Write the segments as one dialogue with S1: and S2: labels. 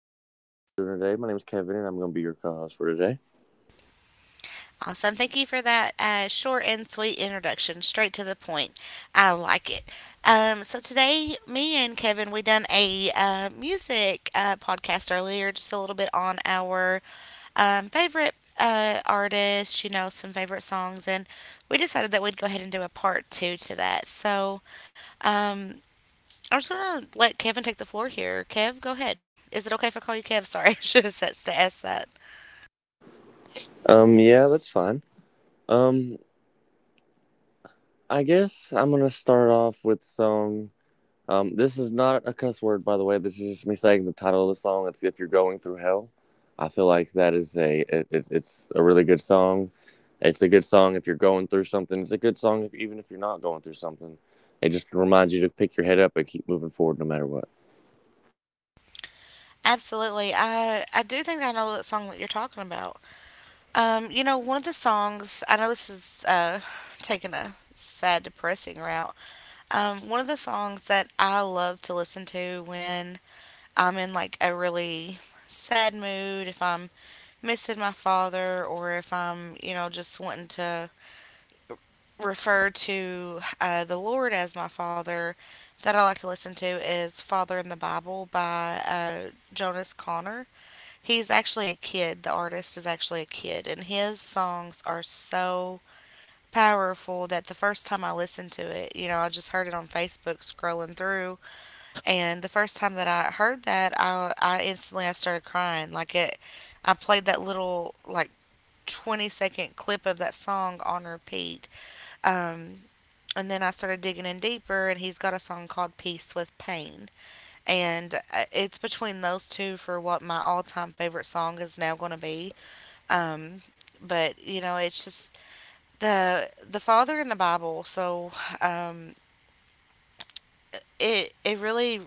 S1: everybody. How are y'all doing today? My name is Kevin, and I'm going to be your co-host for today.
S2: Awesome. Thank you for that short and sweet introduction, straight to the point. I like it. So today, me and Kevin, we done a music podcast earlier, just a little bit on our favorite artists, you know, some favorite songs, and we decided that we'd go ahead and do a part two to that. Um, I'm just gonna let Kevin take the floor here. Kev, go ahead. Is it okay if I call you Kev? Sorry, I should have said to ask that.
S1: Yeah, that's fine. Um, I guess I'm going to start off with the song. This is not a cuss word, by the way. This is just me saying the title of the song. It's "If You're Going Through Hell." I feel like that is it's a really good song. It's a good song if you're going through something. It's a good song if, even if you're not going through something. It just reminds you to pick your head up and keep moving forward no matter what.
S2: Absolutely. I do think I know that song that you're talking about. You know, one of the songs I know this is taking a sad, depressing route. One of the songs that I love to listen to when I'm in like a really sad mood, if I'm missing my father or if I'm, you know, just wanting to refer to the Lord as my father that I like to listen to is Father in the Bible by Jonas Connor. He's actually a kid. The artist is actually a kid, and his songs are so powerful that the first time I listened to it, you know, I just heard it on Facebook scrolling through, and the first time that I heard that, I instantly I started crying. Like it, I played that little like 20-second clip of that song on repeat. Um, and then I started digging in deeper, and he's got a song called Peace with Pain. And it's between those two for what my all time favorite song is now going to be. Um, but you know, it's just the father in the Bible. Um, it it really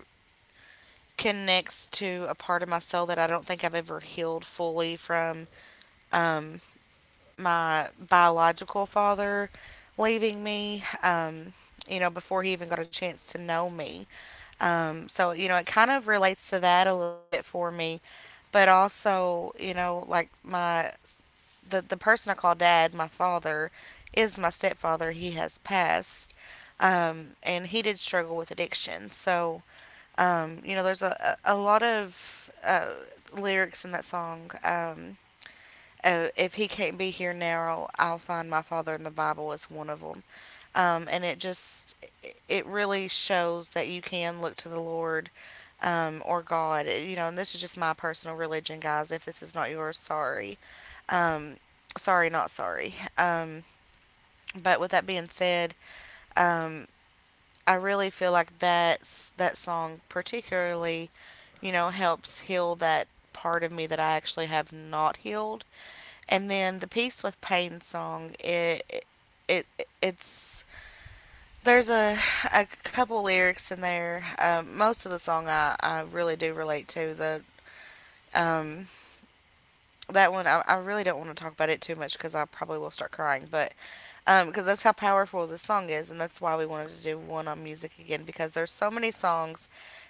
S2: connects to a part of my soul that I don't think I've ever healed fully from, um, my biological father leaving me. You know, before he even got a chance to know me. So you know, it kind of relates to that a little bit for me. But also, you know, like my the person I call dad, my father, is my stepfather. He has passed, and he did struggle with addiction. You know, there's a lot of lyrics in that song. If he can't be here now, I'll find my father in the Bible is one of them, and it just it really shows that you can look to the Lord, or God. You know, and this is just my personal religion, guys. If this is not yours, sorry. Um, sorry, not sorry. But with that being said, um, I really feel like that's that song particularly, you know, helps heal that part of me that I actually have not healed. And then the piece with pain song, it's there's a couple lyrics in there. Most of the song I really do relate to the um that one I really don't want to talk about it too much because I probably will start crying. But um, because that's how powerful this song is, and that's why we wanted to do one on music again. Because there's so many songs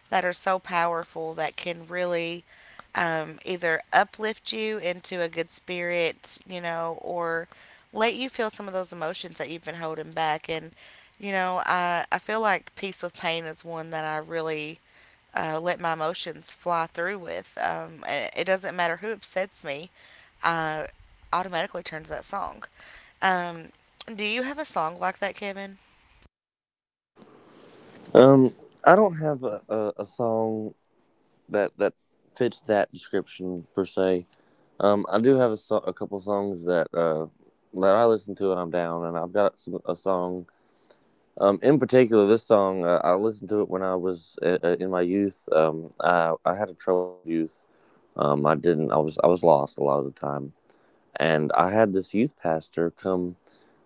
S2: that are so powerful that can really, either uplift you into a good spirit, you know, or let you feel some of those emotions that you've been holding back. And you know, I feel like peace with pain is one that I really, let my emotions fly through with. It it doesn't matter who upsets me. Uh, automatically turns that song. Um, do you have a song like that, Kevin?
S1: Um, I don't have a song that fits that description per se. I do have a, so- a couple songs that that I listen to when I'm down, and I've got some, a song. In particular, this song I listened to it when I was in my youth. I had a troubled youth. I didn't. I was lost a lot of the time, and I had this youth pastor come,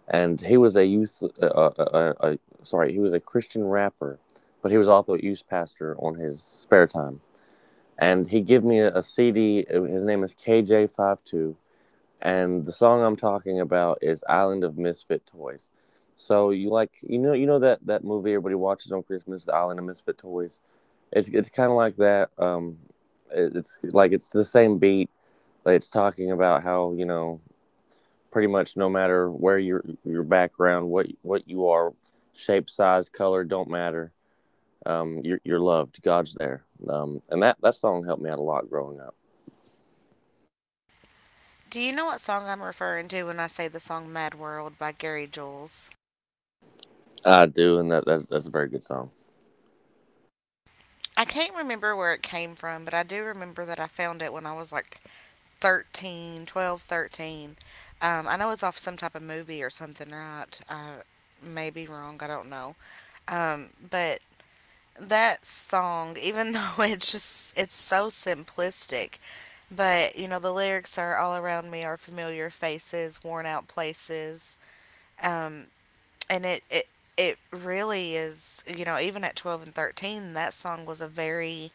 S1: and he was a youth. Sorry, he was a Christian rapper, but he was also a youth pastor on his spare time, and he gave me a, CD. His name is KJ52, and the song I'm talking about is "Island of Misfit Toys." So you like, you know, you know that that movie everybody watches on Christmas, "The Island of Misfit Toys." It's kind of like that. It, it's like it's the same beat. Like it's talking about how, you know, pretty much no matter where your background, what you are, shape, size, color don't matter. You're loved. God's there. And that song helped me out a lot growing up.
S2: Do you know what song I'm referring to when I say the song Mad World by Gary Jules?
S1: I do, and that's a very good song.
S2: I can't remember where it came from, but I do remember that I found it when I was like 13, 12, 13. I know it's off some type of movie or something, right? I may be wrong, I don't know. But that song, even though it's just, it's so simplistic, but, you know, the lyrics are all around me are familiar faces, worn out places. Um, and it, it, it really is, you know, even at 12 and 13, that song was a very,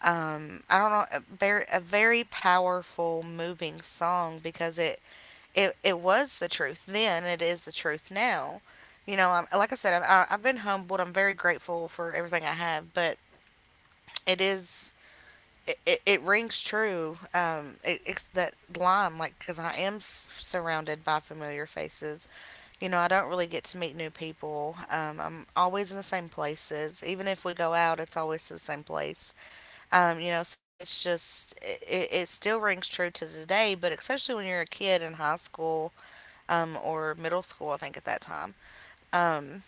S2: I don't know, a very powerful, moving song because it was the truth then, it is the truth now. You know, I'm, like I said, I've been humbled. I'm very grateful for everything I have, but it is it rings true. It's that line, like, because I am surrounded by familiar faces. You know, I don't really get to meet new people. I'm always in the same places. Even if we go out, it's always to the same place. You know, so it's just, it still rings true to today, but especially when you're a kid in high school, or middle school, I think, at that time. Um,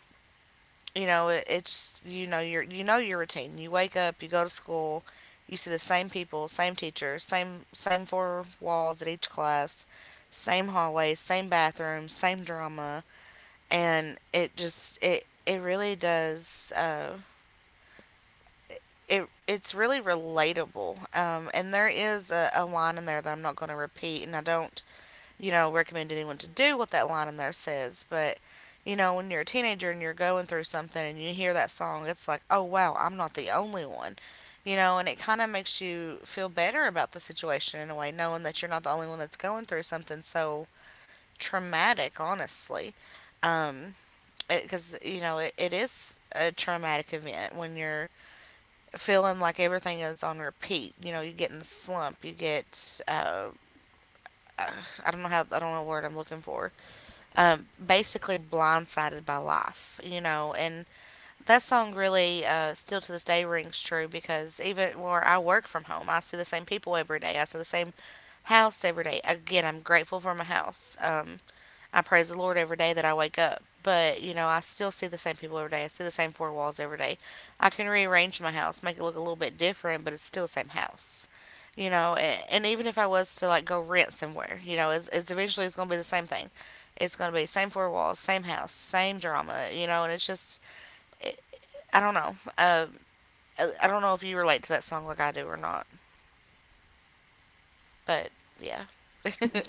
S2: you know it, it's you know your routine. You wake up, you go to school, you see the same people, same teachers, same four walls at each class, same hallways, same bathrooms, same drama. And it just it really does, it it's really relatable. Um, and there is a line in there that I'm not going to repeat, and I don't, you know, recommend anyone to do what that line in there says. But you know, when you're a teenager and you're going through something and you hear that song, it's like, oh wow, I'm not the only one. You know, and it kind of makes you feel better about the situation in a way, knowing that you're not the only one that's going through something so traumatic, honestly. Um, because you know it is a traumatic event when you're feeling like everything is on repeat. You know, you get in the slump, you get uh, I don't know how I don't know what word I'm looking for. Um, basically blindsided by life, you know. And that song really, still to this day rings true because even where I work from home, I see the same people every day. I see the same house every day. Again, I'm grateful for my house. I praise the Lord every day that I wake up. But, you know, I still see the same people every day. I see the same four walls every day. I can rearrange my house, make it look a little bit different, but it's still the same house. You know, and even if I was to like go rent somewhere, you know, it's eventually it's going to be the same thing. It's going to be same four walls, same house, same drama, you know, and it's just, it, I don't know. I don't know if you relate to that song like I do or not, but yeah.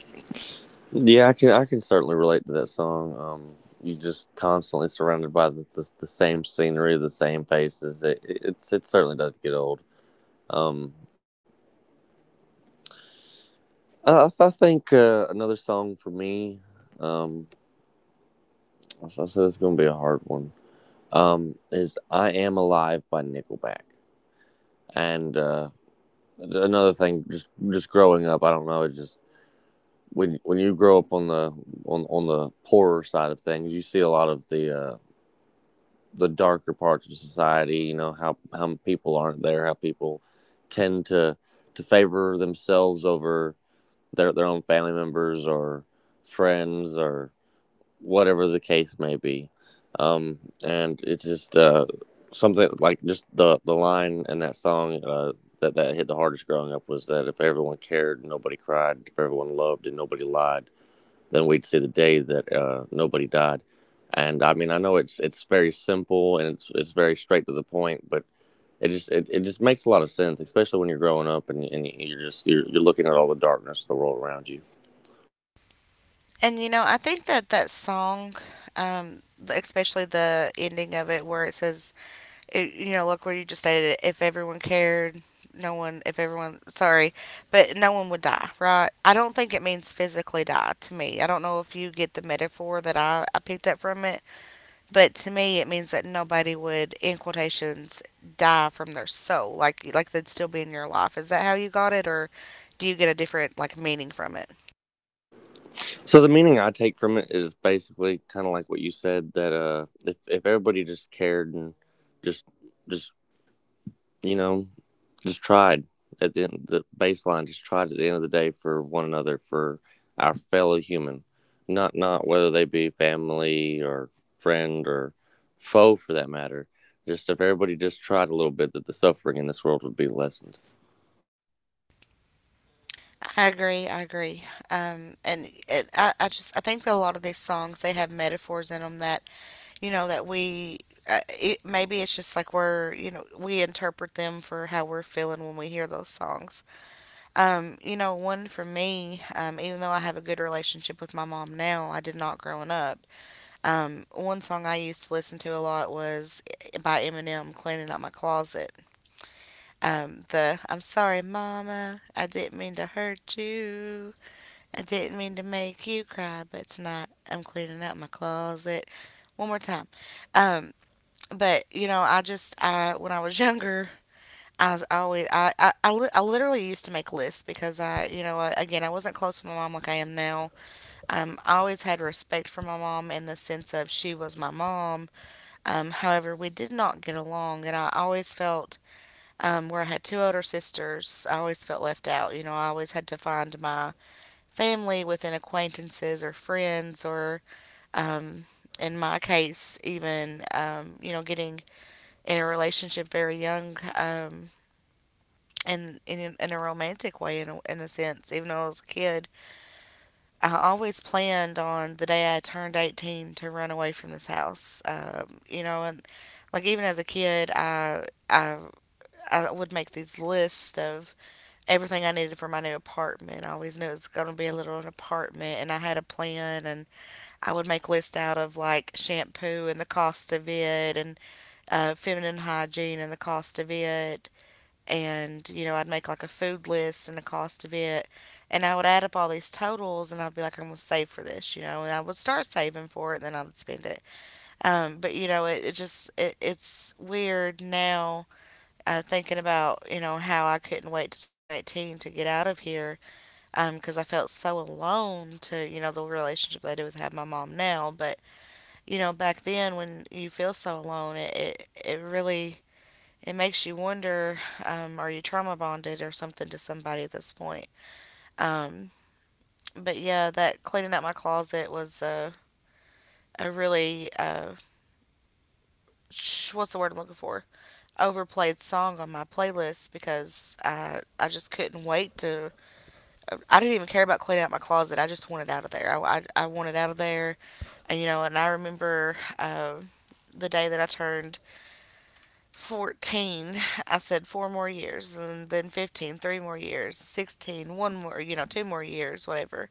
S1: Yeah, I can, I can certainly relate to that song. You're just constantly surrounded by the same scenery, the same faces. It it's it certainly does get old. Um, I think another song for me, um, I said it's gonna be a hard one. Is I Am Alive by Nickelback, and another thing, just growing up, I don't know, it just when you grow up on the poorer side of things, you see a lot of the darker parts of society. You know how people aren't there, how people tend to favor themselves over their own family members or friends or whatever the case may be. And it's just something like just the line in that song that that hit the hardest growing up was that if everyone cared, nobody cried. If everyone loved, and nobody lied, then we'd see the day that nobody died. And I mean, I know it's very simple and it's very straight to the point, but it just it, it just makes a lot of sense, especially when you're growing up and you're just you're looking at all the darkness of the world around you.
S2: And you know, I think that that song, um, especially the ending of it, where it says, you know, look where you just stated it. If everyone cared, no one. If everyone, sorry, but no one would die, right? I don't think it means physically die to me. I don't know if you get the metaphor that I picked up from it, but to me, it means that nobody would, in quotations, die from their soul, like they'd still be in your life. Is that how you got it, or do you get a different like meaning from it?
S1: So the meaning I take from it is basically kind of like what you said, that if everybody just cared and just just you know, just tried at the end, the baseline, just tried at the end of the day for one another, for our fellow human, not not whether they be family or friend or foe for that matter. Just if everybody just tried a little bit, that the suffering in this world would be lessened.
S2: I agree. I agree. And it, I just I think that a lot of these songs they have metaphors in them that you know that maybe it's just like we're you know we interpret them for how we're feeling when we hear those songs. You know, one for me, even though I have a good relationship with my mom now, I did not growing up. One song I used to listen to a lot was by Eminem, "Cleaning Out My Closet." The "I'm sorry, Mama, I didn't mean to hurt you. I didn't mean to make you cry, but it's not. I'm cleaning up my closet. One more time." Um, but you know, I just I when I was younger, I was always I literally used to make lists because I you know I- again, I wasn't close with my mom like I am now. I always had respect for my mom in the sense of she was my mom. However, we did not get along, and I always felt where I had two older sisters, I always felt left out. You know, I always had to find my family, within acquaintances or friends, or um, in my case, even getting in a relationship very young. And in a romantic way, in a sense, even though I was a kid, I always planned on the day I turned 18 to run away from this house. And like even as a kid, I would make these lists of everything I needed for my new apartment. I always knew it was going to be a little an apartment, and I had a plan, and I would make lists out of like shampoo and the cost of it, and feminine hygiene and the cost of it, and you know, I'd make like a food list and the cost of it, and I would add up all these totals, and I'd be like, I'm gonna save for this, you know, and I would start saving for it, and then I would spend it. But you know, it's weird now thinking about you know how I couldn't wait to turn 18 to get out of here because I felt so alone to you know the relationship that I do with have my mom now, but you know back then when you feel so alone, it really it makes you wonder are you trauma bonded or something to somebody at this point. um, but yeah, that cleaning out my closet was a really what's the word I'm looking for, overplayed song on my playlist because I just couldn't wait to. I didn't even care about cleaning out my closet. I just wanted out of there. I wanted out of there. And you know, and I remember the day that I turned 14, I said four more years, and then 15, three more years. 16, one more, you know, two more years, whatever.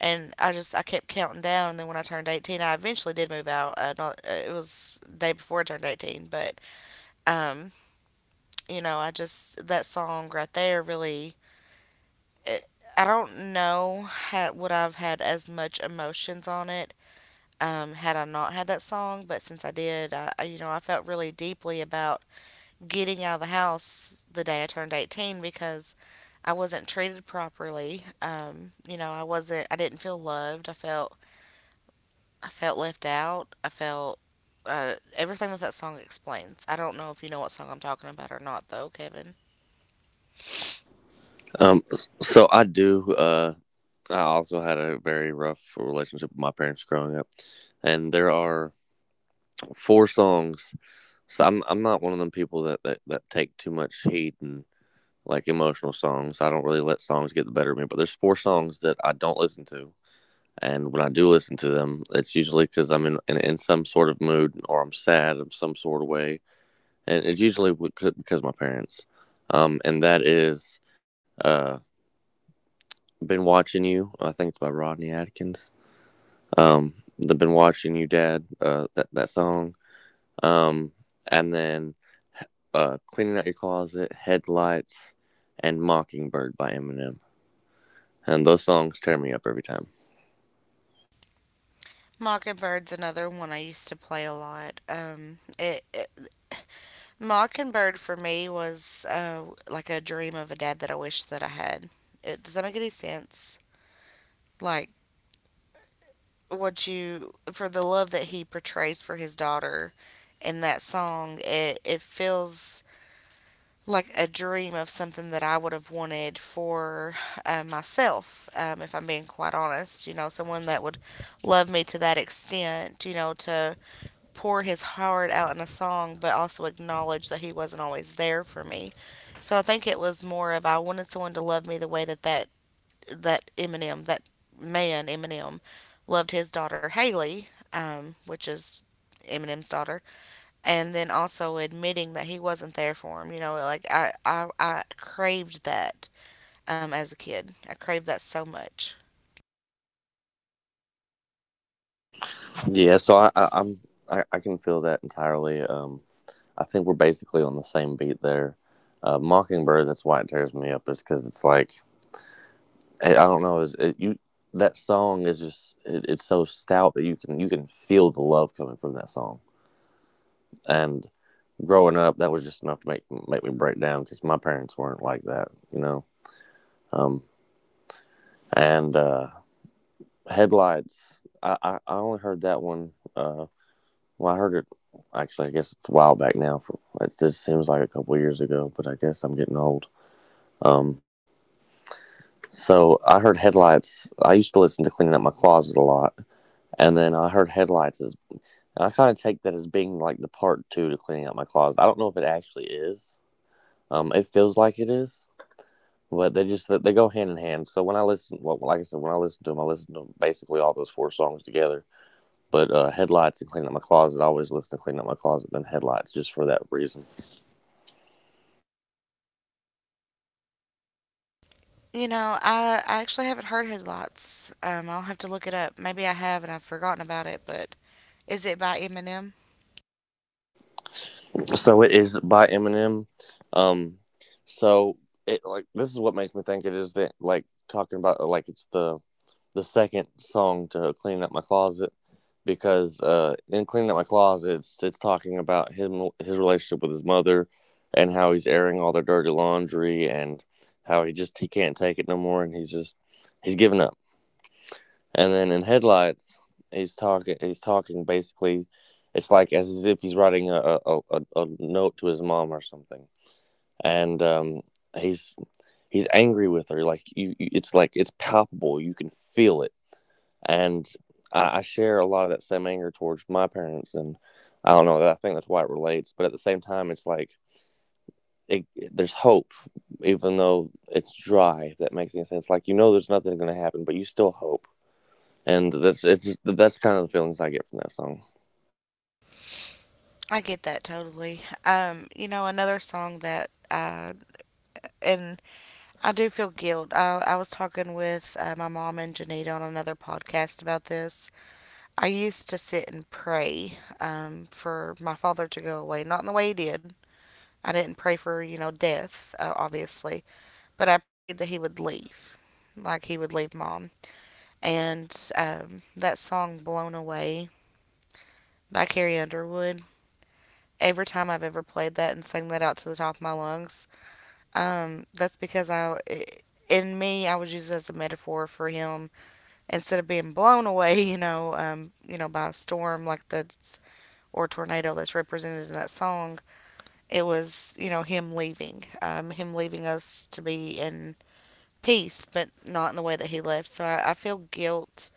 S2: And I kept counting down, and then when I turned 18, I eventually did move out. Not, It was the day before I turned 18. But um you know, I just that song right there really. it, I don't know how would I've had as much emotions on it had I not had that song, but since I did, you know, I felt really deeply about getting out of the house the day I turned 18 because I wasn't treated properly. You know, I wasn't. I didn't feel loved. I felt. I felt left out. I felt everything that that song explains. I don't know if you know what song I'm talking about or not, though, Kevin.
S1: So I do. I also had a very rough relationship with my parents growing up, and there are four songs. So I'm not one of them people that that, that take too much heed and like emotional songs. I don't really let songs get the better of me, but there's four songs that I don't listen to. And when I do listen to them, it's usually because I'm in some sort of mood or I'm sad in some sort of way, and it's usually because of my parents. And that is, uh, been watching you. I think it's by Rodney Atkins. The been watching you, Dad. That that song. Um, and then cleaning out your closet, headlights, and Mockingbird by Eminem, and those songs tear me up every time.
S2: Mockingbird's another one I used to play a lot. It, it Mockingbird for me was like a dream of a dad that I wish that I had. It, does that make any sense? Like what you for the love that he portrays for his daughter in that song, it feels like a dream of something that I would have wanted for myself, if I'm being quite honest. You know, someone that would love me to that extent, you know, to pour his heart out in a song but also acknowledge that he wasn't always there for me. So I think it was more of I wanted someone to love me the way that Eminem, that man Eminem, loved his daughter Haley, which is Eminem's daughter, and then also admitting that he wasn't there for him. You know, like I craved that as a kid. I craved that so much.
S1: Yeah, so I'm I can feel that entirely. I think we're basically on the same beat there. Mockingbird, that's why it tears me up, is because it's like I don't know, is it, you, that song is just it, it's so stout that you can, you can feel the love coming from that song. And growing up, that was just enough to make, make me break down because my parents weren't like that, you know. Um, and headlights, I only heard that one. Well, I heard it. Actually, I guess it's a while back now. For it just seems like a couple years ago, but I guess I'm getting old. Um, so I heard headlights. I used to listen to cleaning up my closet a lot, and then I heard headlights as. I kind of take that as being like the part two to cleaning up my closet. I don't know if it actually is. It feels like it is, but they just they go hand in hand. So when I listen, well, like I said, when I listen to them, I listen to basically all those four songs together. But headlights and cleaning up my closet, I always listen to cleaning up my closet than headlights, just for that reason.
S2: You know, I actually haven't heard Headlights. I'll have to look it up. Maybe I have and I've forgotten about it, but is it by Eminem?
S1: So it is by Eminem. Um, so it like, this is what makes me think it is that like talking about like it's the second song to clean up my closet, because in cleaning up my closet, it's talking about him, his relationship with his mother, and how he's airing all their dirty laundry and how he just he can't take it no more and he's just he's giving up. And then in headlights, he's talking. He's talking basically. It's like as if he's writing a note to his mom or something, and he's he's angry with her. Like you, it's like it's palpable. You can feel it, and I share a lot of that same anger towards my parents, and I don't know. I think that's why it relates. But at the same time, it's like it, there's hope, even though it's dry. If that makes any sense. Like, you know, there's nothing going to happen, but you still hope, and that's it's just, that's kind of the feelings I get from that song.
S2: I get that totally. You know, another song that and I do feel guilt. I was talking with my mom and Janita on another podcast about this. I used to sit and pray for my father to go away, not in the way he did. I didn't pray for, you know, death, obviously, but I prayed that he would leave, like he would leave mom. And that song Blown Away by Carrie Underwood, every time I've ever played that and sang that out to the top of my lungs, that's because in me, I was used as a metaphor for him instead of being blown away, you know, by a storm, like that's or tornado that's represented in that song, it was you know him leaving us to be in peace, but not in the way that he left. So I feel guilt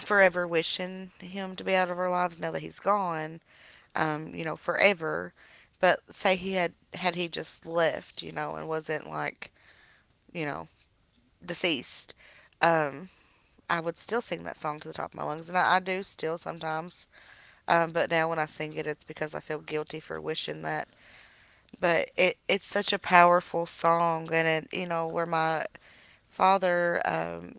S2: forever wishing him to be out of our lives now that he's gone, you know, forever. But say he had, had he just left, you know, and wasn't like you know deceased. Um, I would still sing that song to the top of my lungs, and I do still sometimes. But now when I sing it, it's because I feel guilty for wishing that. But it it's such a powerful song, and it you know where my father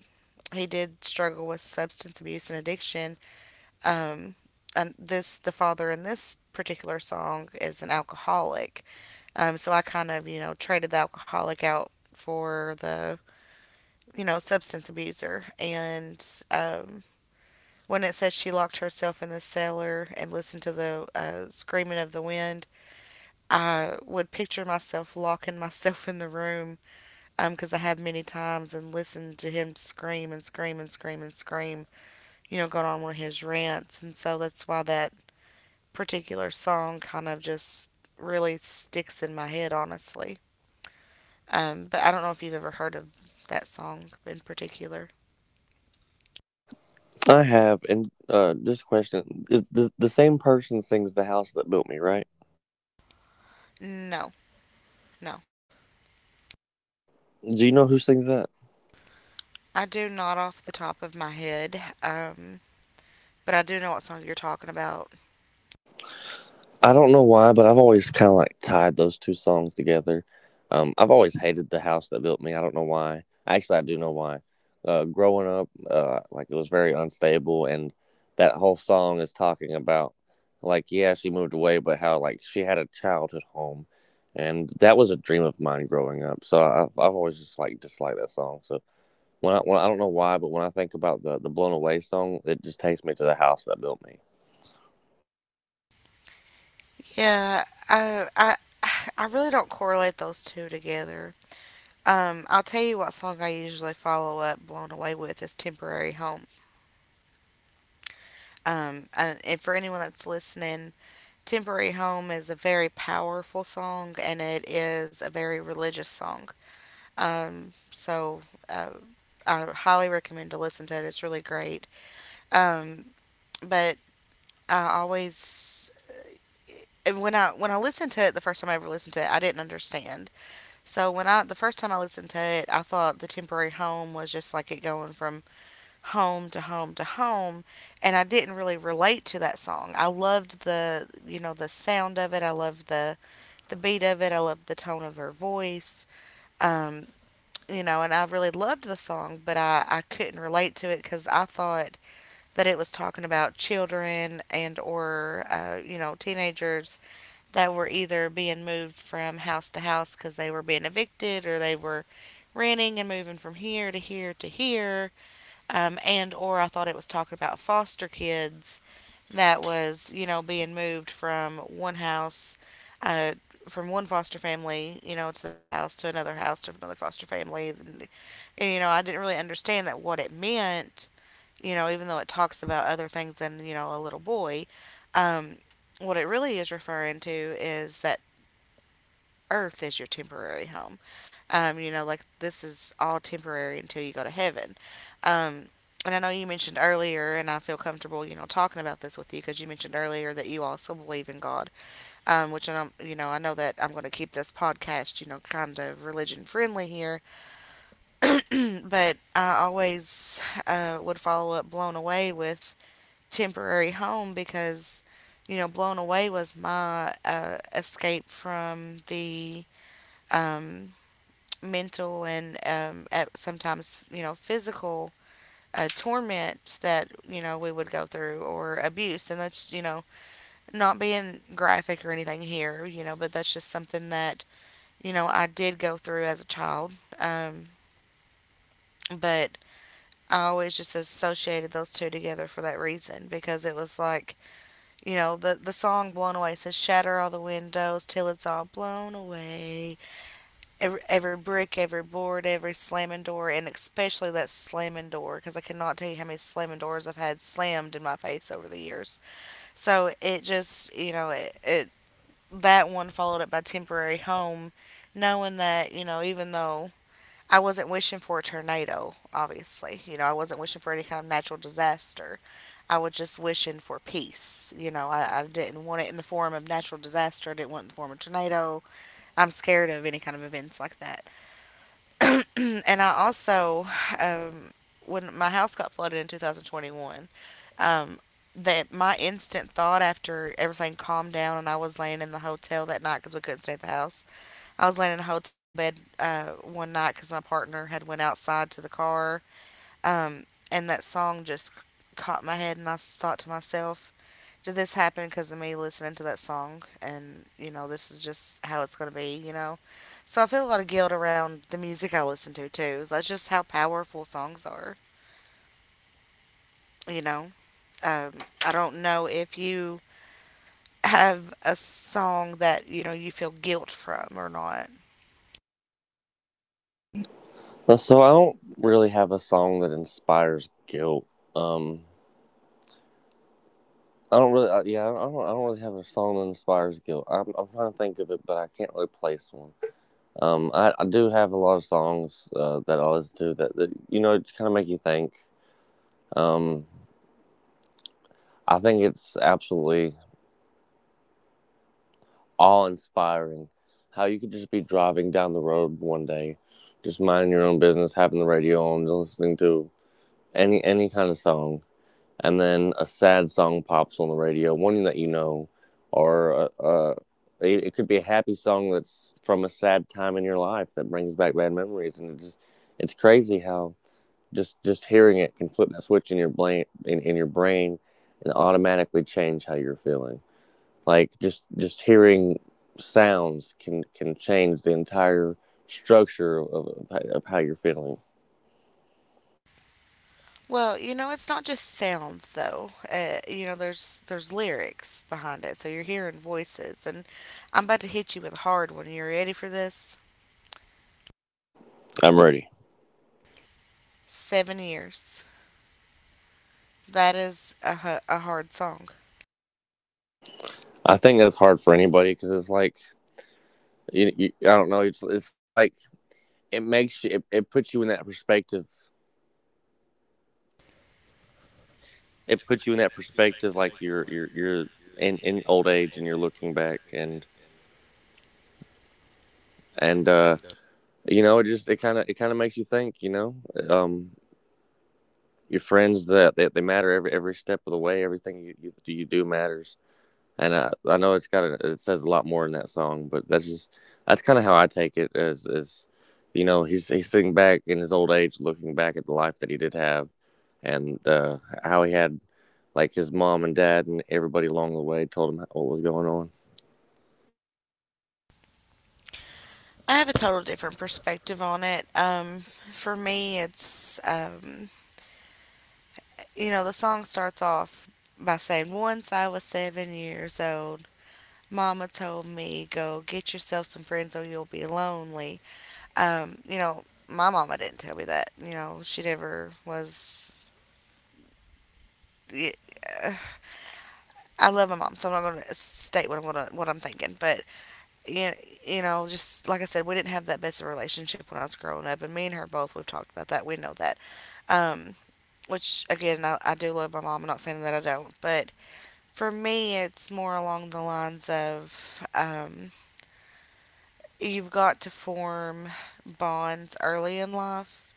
S2: he did struggle with substance abuse and addiction. Um, and this the father in this particular song is an alcoholic. So I kind of you know traded the alcoholic out for the you know substance abuser, and um, when it says she locked herself in the cellar and listened to the screaming of the wind, I would picture myself locking myself in the room because I have many times and listened to him scream and scream and scream and scream, you know, going on one of his rants. And so that's why that particular song kind of just really sticks in my head, honestly. But I don't know if you've ever heard of that song in particular.
S1: I have, and just a question: is the same person sings the house that built me, right?
S2: No, no.
S1: Do you know who sings that?
S2: I do not off the top of my head, but I do know what song you're talking about.
S1: I don't know why, but I've always kind of like tied those two songs together. I've always hated the house that built me. I don't know why. Actually, I do know why. Growing up, like it was very unstable, and that whole song is talking about like, yeah, she moved away, but how like she had a childhood home, and that was a dream of mine growing up. So I- have, I've always just like disliked that song. So when I, when I don't know why, but when I think about the blown away song, it just takes me to the house that built me.
S2: Yeah, I, I, I really don't correlate those two together. I'll tell you what song I usually follow up "Blown Away" with is "Temporary Home." And for anyone that's listening, "Temporary Home" is a very powerful song, and it is a very religious song. Um, so uh, I highly recommend to listen to it. It's really great. Um, but I always, and when I listened to it the first time I ever listened to it, I didn't understand. So when I the first time I listened to it, I thought the temporary home was just like it going from home to home to home, and I didn't really relate to that song. I loved the you know the sound of it. I loved the beat of it. I loved the tone of her voice. Um, you know, and I really loved the song, but I couldn't relate to it because I thought that it was talking about children, and or you know teenagers that were either being moved from house to house because they were being evicted, or they were renting and moving from here to here to here, and or I thought it was talking about foster kids that was you know being moved from one house uh, from one foster family, you know, to that house to another foster family, and you know I didn't really understand that what it meant, you know, even though it talks about other things than you know a little boy. um, what it really is referring to is that earth is your temporary home. You know, like this is all temporary until you go to heaven. Um, and I know you mentioned earlier, and I feel comfortable, talking about this with you because you mentioned earlier that you also believe in God, which I don't. I know that I'm going to keep this podcast, kind of religion friendly here. But I always would follow up Blown Away with Temporary Home because, Blown Away was my escape from the um, mental and at sometimes physical torment that we would go through, or abuse. And that's not being graphic or anything here, you know but that's just something that I did go through as a child. um, but I always just associated those two together for that reason, because it was like the song Blown Away says, "Shatter all the windows till it's all blown away, every brick, every board, every slamming door," and especially that slamming door, because I cannot tell you how many slamming doors I've had slammed in my face over the years. So it just, it, that one followed up by Temporary Home, knowing that even though I wasn't wishing for a tornado, obviously. I wasn't wishing for any kind of natural disaster. I was just wishing for peace. I didn't want it in the form of natural disaster. I didn't want it in the form of tornado. I'm scared of any kind of events like that. And I also, um, when my house got flooded in 2021, um, that my instant thought after everything calmed down, and I was laying in the hotel that night because we couldn't stay at the house. I was laying in a hotel bed one night because my partner had went outside to the car, um, and that song just caught my head, and thought to myself, did this happen because of me listening to that song? And this is just how it's going to be so I feel a lot of guilt around the music I listen to too. That's just how powerful songs are. you know um, I don't know if you have a song that you feel guilt from or not.
S1: So I don't really have a song that inspires guilt. Um, I don't really, yeah, I don't really have a song that inspires guilt. I'm trying to think of it, but I can't really place one. I do have a lot of songs that I listen to that, that you know kind of make you think. Um, I think it's absolutely awe-inspiring how you could just be driving down the road one day, just minding your own business, having the radio on, listening to any kind of song, and then a sad song pops on the radio, one that you know, or it, could be a happy song that's from a sad time in your life that brings back bad memories, and it just it's crazy how just hearing it can flip that switch in your brain in your brain and automatically change how you're feeling. Like just hearing sounds can change the entire structure of, of how you're feeling.
S2: Well, you know it's not just sounds though. Uh There's lyrics behind it, so you're hearing voices. And I'm about to hit you with a hard one. You ready for this?
S1: I'm ready.
S2: 7 years. That is a hard song.
S1: I think that's hard for anybody because it's like, you, I don't know. It's like it makes you. It puts you in that perspective. It puts you in that perspective, like you're you're in old age and you're looking back and you know it just it kind of makes you think. You know, um, your friends that, that they matter every step of the way. Everything you, you do matters, and I know it's got a, it says a lot more in that song, but that's just that's kind of how I take it as is, you know, he's sitting back in his old age, looking back at the life that he did have, and how he had like his mom and dad and everybody along the way told him what was going on
S2: I have a total different perspective on it. For me, it's, the song starts off by saying, "Once I was 7 years old, Mama told me, go get yourself some friends or you'll be lonely." My mama didn't tell me that. She never was. I love my mom, so I'm not going to state what I'm thinking. But you just like I said, we didn't have that best of a relationship when I was growing up, and me and her both, we've talked about that. We know that. Um, which again, I do love my mom. I'm not saying that I don't, but for me, it's more along the lines of you've got to form bonds early in life,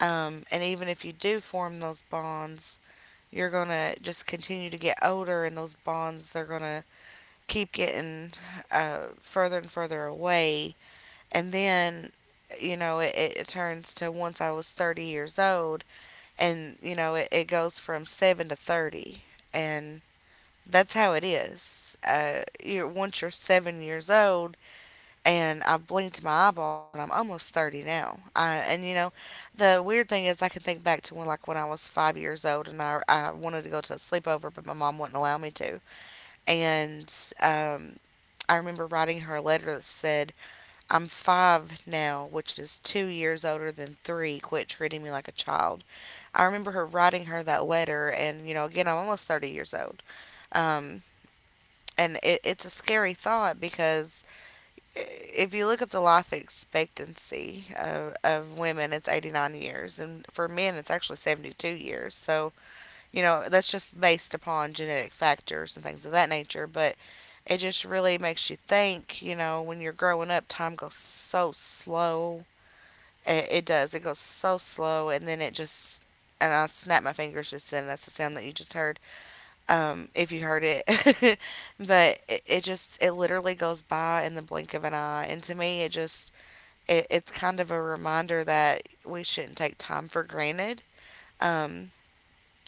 S2: and even if you do form those bonds, you're gonna just continue to get older, and those bonds, they're gonna keep getting further and further away. And then, it turns to, "once I was 30 years old," and, it goes from 7 to 30. And that's how it is. Once you're 7 years old, and I've blinked my eyeballs, and I'm almost 30 now. And, the weird thing is I can think back to like, when I was 5 years old, and I wanted to go to a sleepover, but my mom wouldn't allow me to. And, um, I remember writing her a letter that said, "I'm five now, which is 2 years older than three, quit treating me like a child." I remember her writing her that letter, and, again, I'm almost 30 years old. Um, and it's a scary thought, because if you look up the life expectancy of women, it's 89 years, and for men, it's actually 72 years. So, that's just based upon genetic factors and things of that nature. But it just really makes you think, when you're growing up, time goes so slow. It does. It goes so slow, and then it just and I snapped my fingers just then. That's the sound that you just heard. If you heard it, but it literally goes by in the blink of an eye. And to me, it's kind of a reminder that we shouldn't take time for granted. Um,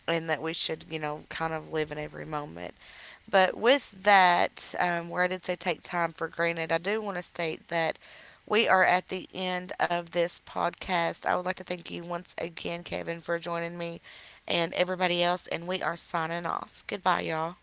S2: and that we should, kind of live in every moment. But with that, where I did say "take time for granted," I do want to state that we are at the end of this podcast. I would like to thank you once again, Kevin, for joining me and everybody else, and we are signing off. Goodbye, y'all.